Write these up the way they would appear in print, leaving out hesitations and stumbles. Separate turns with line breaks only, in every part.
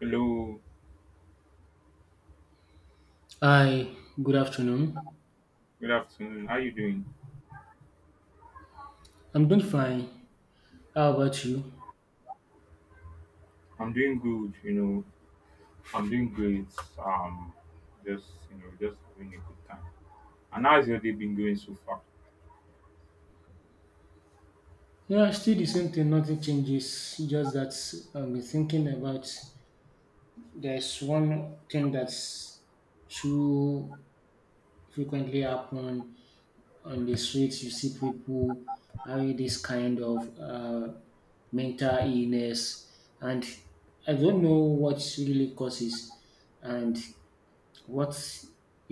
Hello,
Hi, good afternoon.
good afternoon. How you doing?
I'm doing fine. How about you?
I'm doing good, you know. I'm doing great. Um, just you know, just having a good time. And how's your day been going so far?
Yeah, still the same thing, nothing changes. Just that I've been thinking about there's one thing that's too frequently happen on the streets. You see people having this kind of mental illness, and I don't know what really causes. And what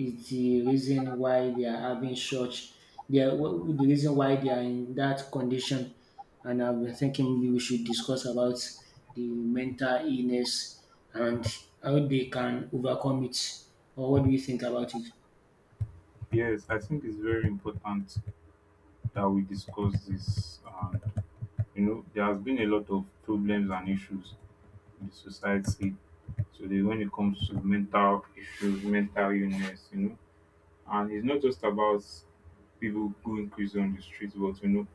is the reason why they are having such? They are, what, the reason why they are in that condition, and I've been thinking maybe we should discuss about the mental illness and how they can overcome it. Or what do you think about it?
Yes, I think it's very important that we discuss this. And you know, there has been a lot of problems and issues in the society. So they, when it comes to mental issues, mental illness, you know, and it's not just about people going crazy on the streets, but you know,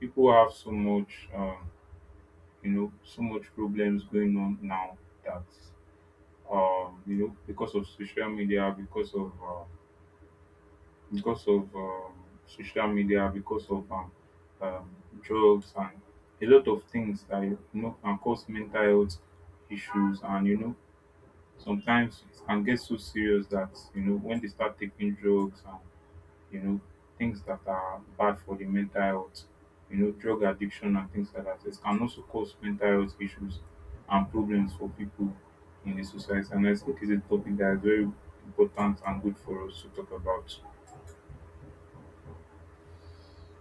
people have so much. You know, so much problems going on now that you know, because of social media, because of social media, because of um, drugs and a lot of things that you know can cause mental health issues, and you know, sometimes it can get so serious that you know when they start taking drugs and you know, things that are bad for the mental health, you know, drug addiction and things like that. It can also cause mental health issues and problems for people in the society. And I think it's a topic that is very important and good for us to talk about.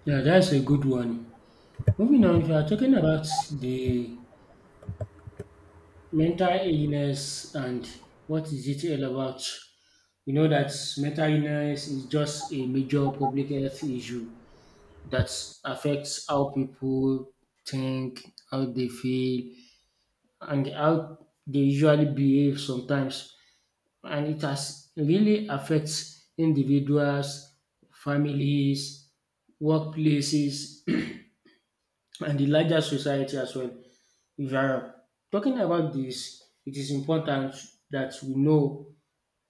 Yeah, that's a good one. Moving on, if you are talking about the mental illness and what is it all about, you know that mental illness is just a major public health issue that affects how people think, how they feel, and how they usually behave sometimes. And it has really affects individuals, families, workplaces, and the larger society as well. If you are talking about this, it is important that we know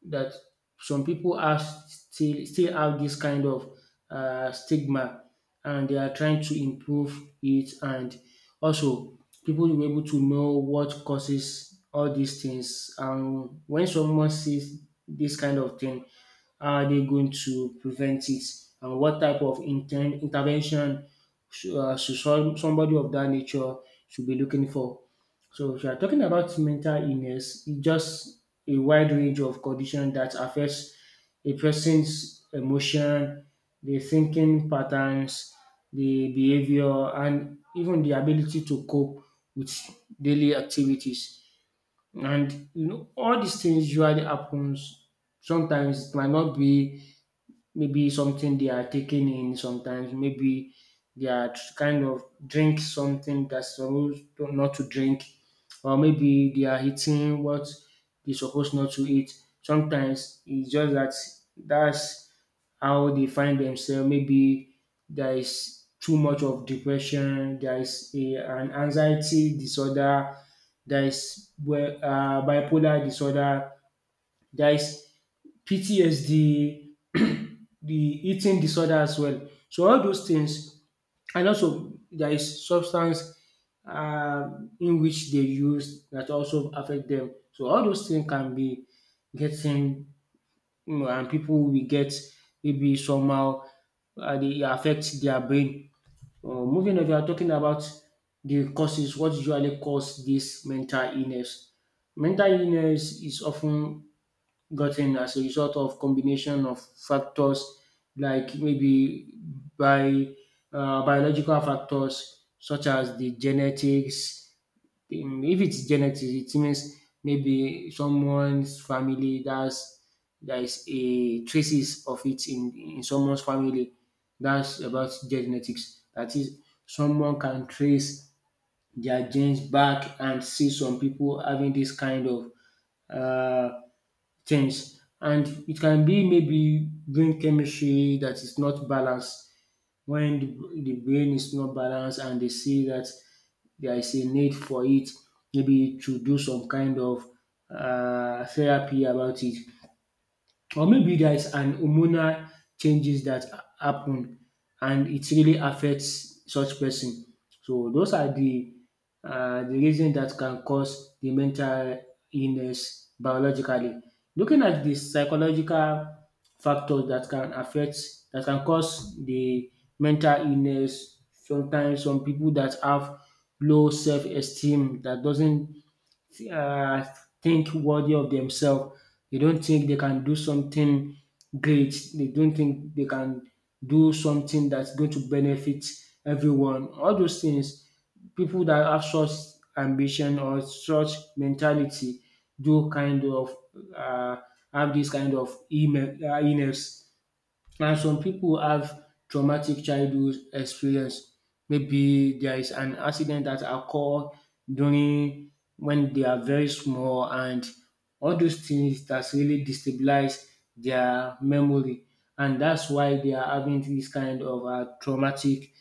that some people are still have this kind of stigma, and they are trying to improve it. And also people will be able to know what causes all these things, and when someone sees this kind of thing, how are they going to prevent it, and what type of intervention should somebody of that nature should be looking for. So if you are talking about mental illness, it's just a wide range of condition that affects a person's emotion, the thinking patterns, the behavior, and even the ability to cope with daily activities. And you know, all these things usually happens. Sometimes it might not be maybe something they are taking in. Sometimes maybe they are kind of drink something that's supposed to- not to drink, or maybe they are eating what they're supposed not to eat. Sometimes it's just that that's how they find themselves. Maybe there is too much of depression, there is a, an anxiety disorder, there is well, bipolar disorder, there is ptsd, the eating disorder as well. So all those things, and also there is substance in which they use that also affect them. So all those things can be getting, you know, and people will get maybe somehow they affect their brain. Moving on, we are talking about the causes, what usually cause this mental illness. Mental illness is often gotten as a result of combination of factors, like maybe by biological factors such as the genetics. If it's genetics, it means maybe someone's family that's there is a traces of it in someone's family. That's about genetics. That is, someone can trace their genes back and see some people having this kind of uh, things. And it can be maybe brain chemistry that is not balanced. When the brain is not balanced and they see that there is a need for it, maybe to do some kind of therapy about it, or maybe there's an hormonal changes that happen and it really affects such person. So those are the reason that can cause the mental illness biologically. Looking at the psychological factors that can affect, that can cause the mental illness, sometimes some people that have low self-esteem, that doesn't uh, think worthy of themselves. They don't think they can do something great. They don't think they can do something that's going to benefit everyone. All those things, people that have such ambition or such mentality, do kind of uh, have this kind of email, illness. And some people have traumatic childhood experience. Maybe there is an accident that occurred during when they are very small, and all those things that's really destabilize their memory, and that's why they are having this kind of traumatic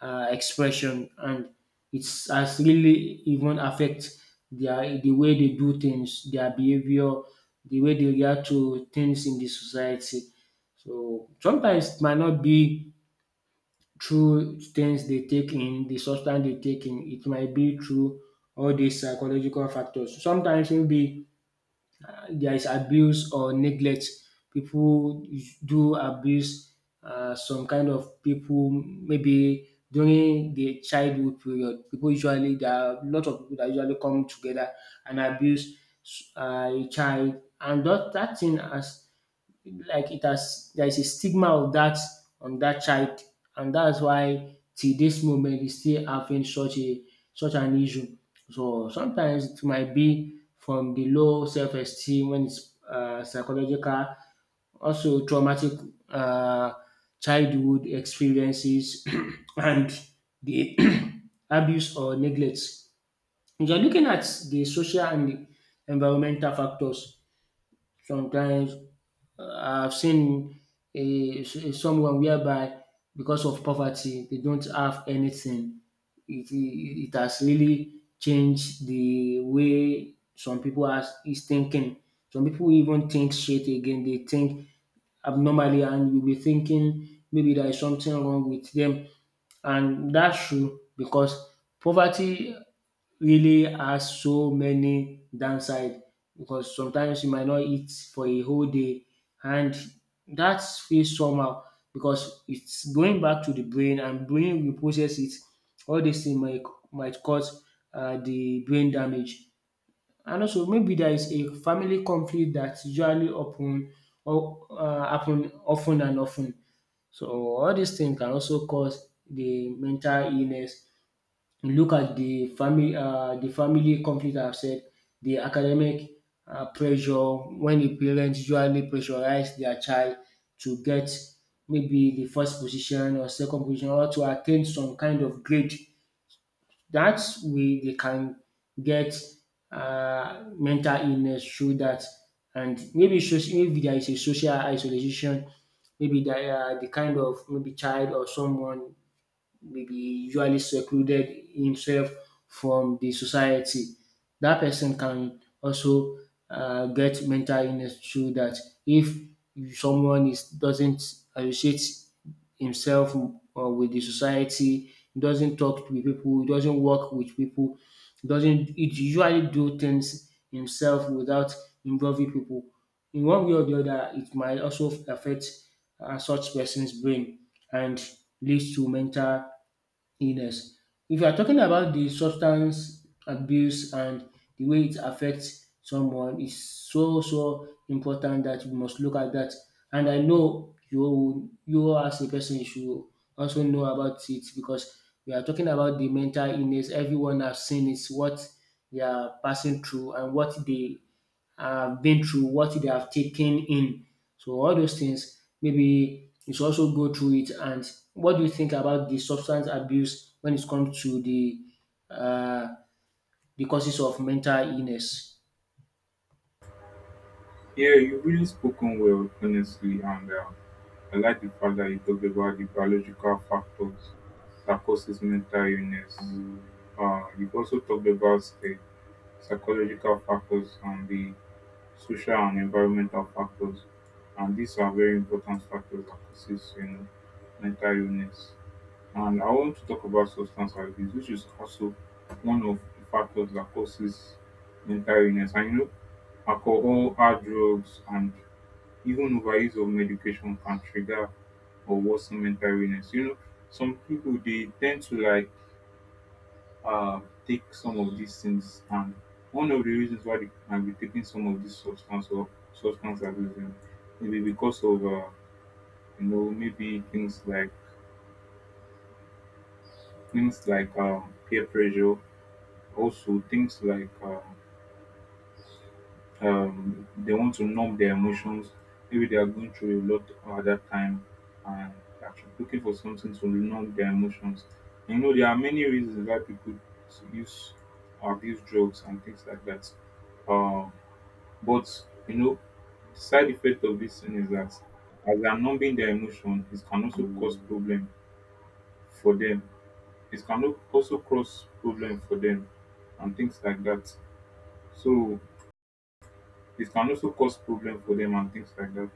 expression, and it's has really even affect their the way they do things, their behavior, the way they react to things in the society. So sometimes it might not be through things they take in, the substance they take in. It might be through all these psychological factors. Sometimes maybe there is abuse or neglect. People do abuse some kind of people maybe during the childhood period. People usually, there are a lot of people that usually come together and abuse a child, and that thing has, like it has, there is a stigma of that on that child, and that's why till this moment we still having such an issue. So sometimes it might be from the low self esteem when it's psychological, also traumatic uh, childhood experiences and the abuse or neglect. If you're looking at the social and the environmental factors, sometimes I've seen someone whereby because of poverty they don't have anything. It has really changed the way some people are is thinking. Some people even think straight again. They think abnormally, and you'll be thinking maybe there is something wrong with them. And that's true, because poverty really has so many downside, because sometimes you might not eat for a whole day, and that feels somehow, because it's going back to the brain and brain will process it. All this thing might cause the brain damage. And also maybe there is a family conflict that usually happen, or happen often and often. So all these things can also cause the mental illness. You look at the family conflict I have said, the academic pressure when the parents usually pressurize their child to get maybe the first position or second position, or to attain some kind of grade, that's way they can get mental illness through that. And maybe maybe there is a social isolation, maybe there are the kind of maybe child or someone maybe usually secluded himself from the society. That person can also get mental illness through that. If someone is doesn't associate himself with the society, doesn't talk with people, doesn't work with people, doesn't it usually do things himself without involving people. In one way or the other, it might also affect such person's brain and leads to mental illness. If you are talking about the substance abuse and the way it affects someone, is so important that we must look at that. And I know you as a person, you should also know about it, because we are talking about the mental illness. Everyone has seen it, what they are passing through and what they have been through, what they have taken in. So all those things maybe you should also go through it. And what do you think about the substance abuse when it comes to uh, the causes of mental illness?
Yeah, you've really spoken well, honestly, and I like the fact that you talked about the biological factors that causes mental illness. You've also talked about the psychological factors and the social and environmental factors, and these are very important factors that causes, you know, mental illness, and I want to talk about substance abuse, which is also one of the factors that causes mental illness. And you know, alcohol, hard drugs, and even overuse of medication can trigger or worsen mental illness. You know, some people they tend to like uh, take some of these things, and one of the reasons why they might be taking some of these substance or substance abuse, maybe because of you know, maybe things like peer pressure, also things like they want to numb their emotions. Maybe they are going through a lot at that time, and they are looking for something to numb their emotions. You know, there are many reasons why people use, abuse drugs and things like that um But you know, side effect of this thing is that as they are numbing their emotion, it can also cause problem for them. It can also cause problem for them and things like that. So it can also cause problem for them and things like that.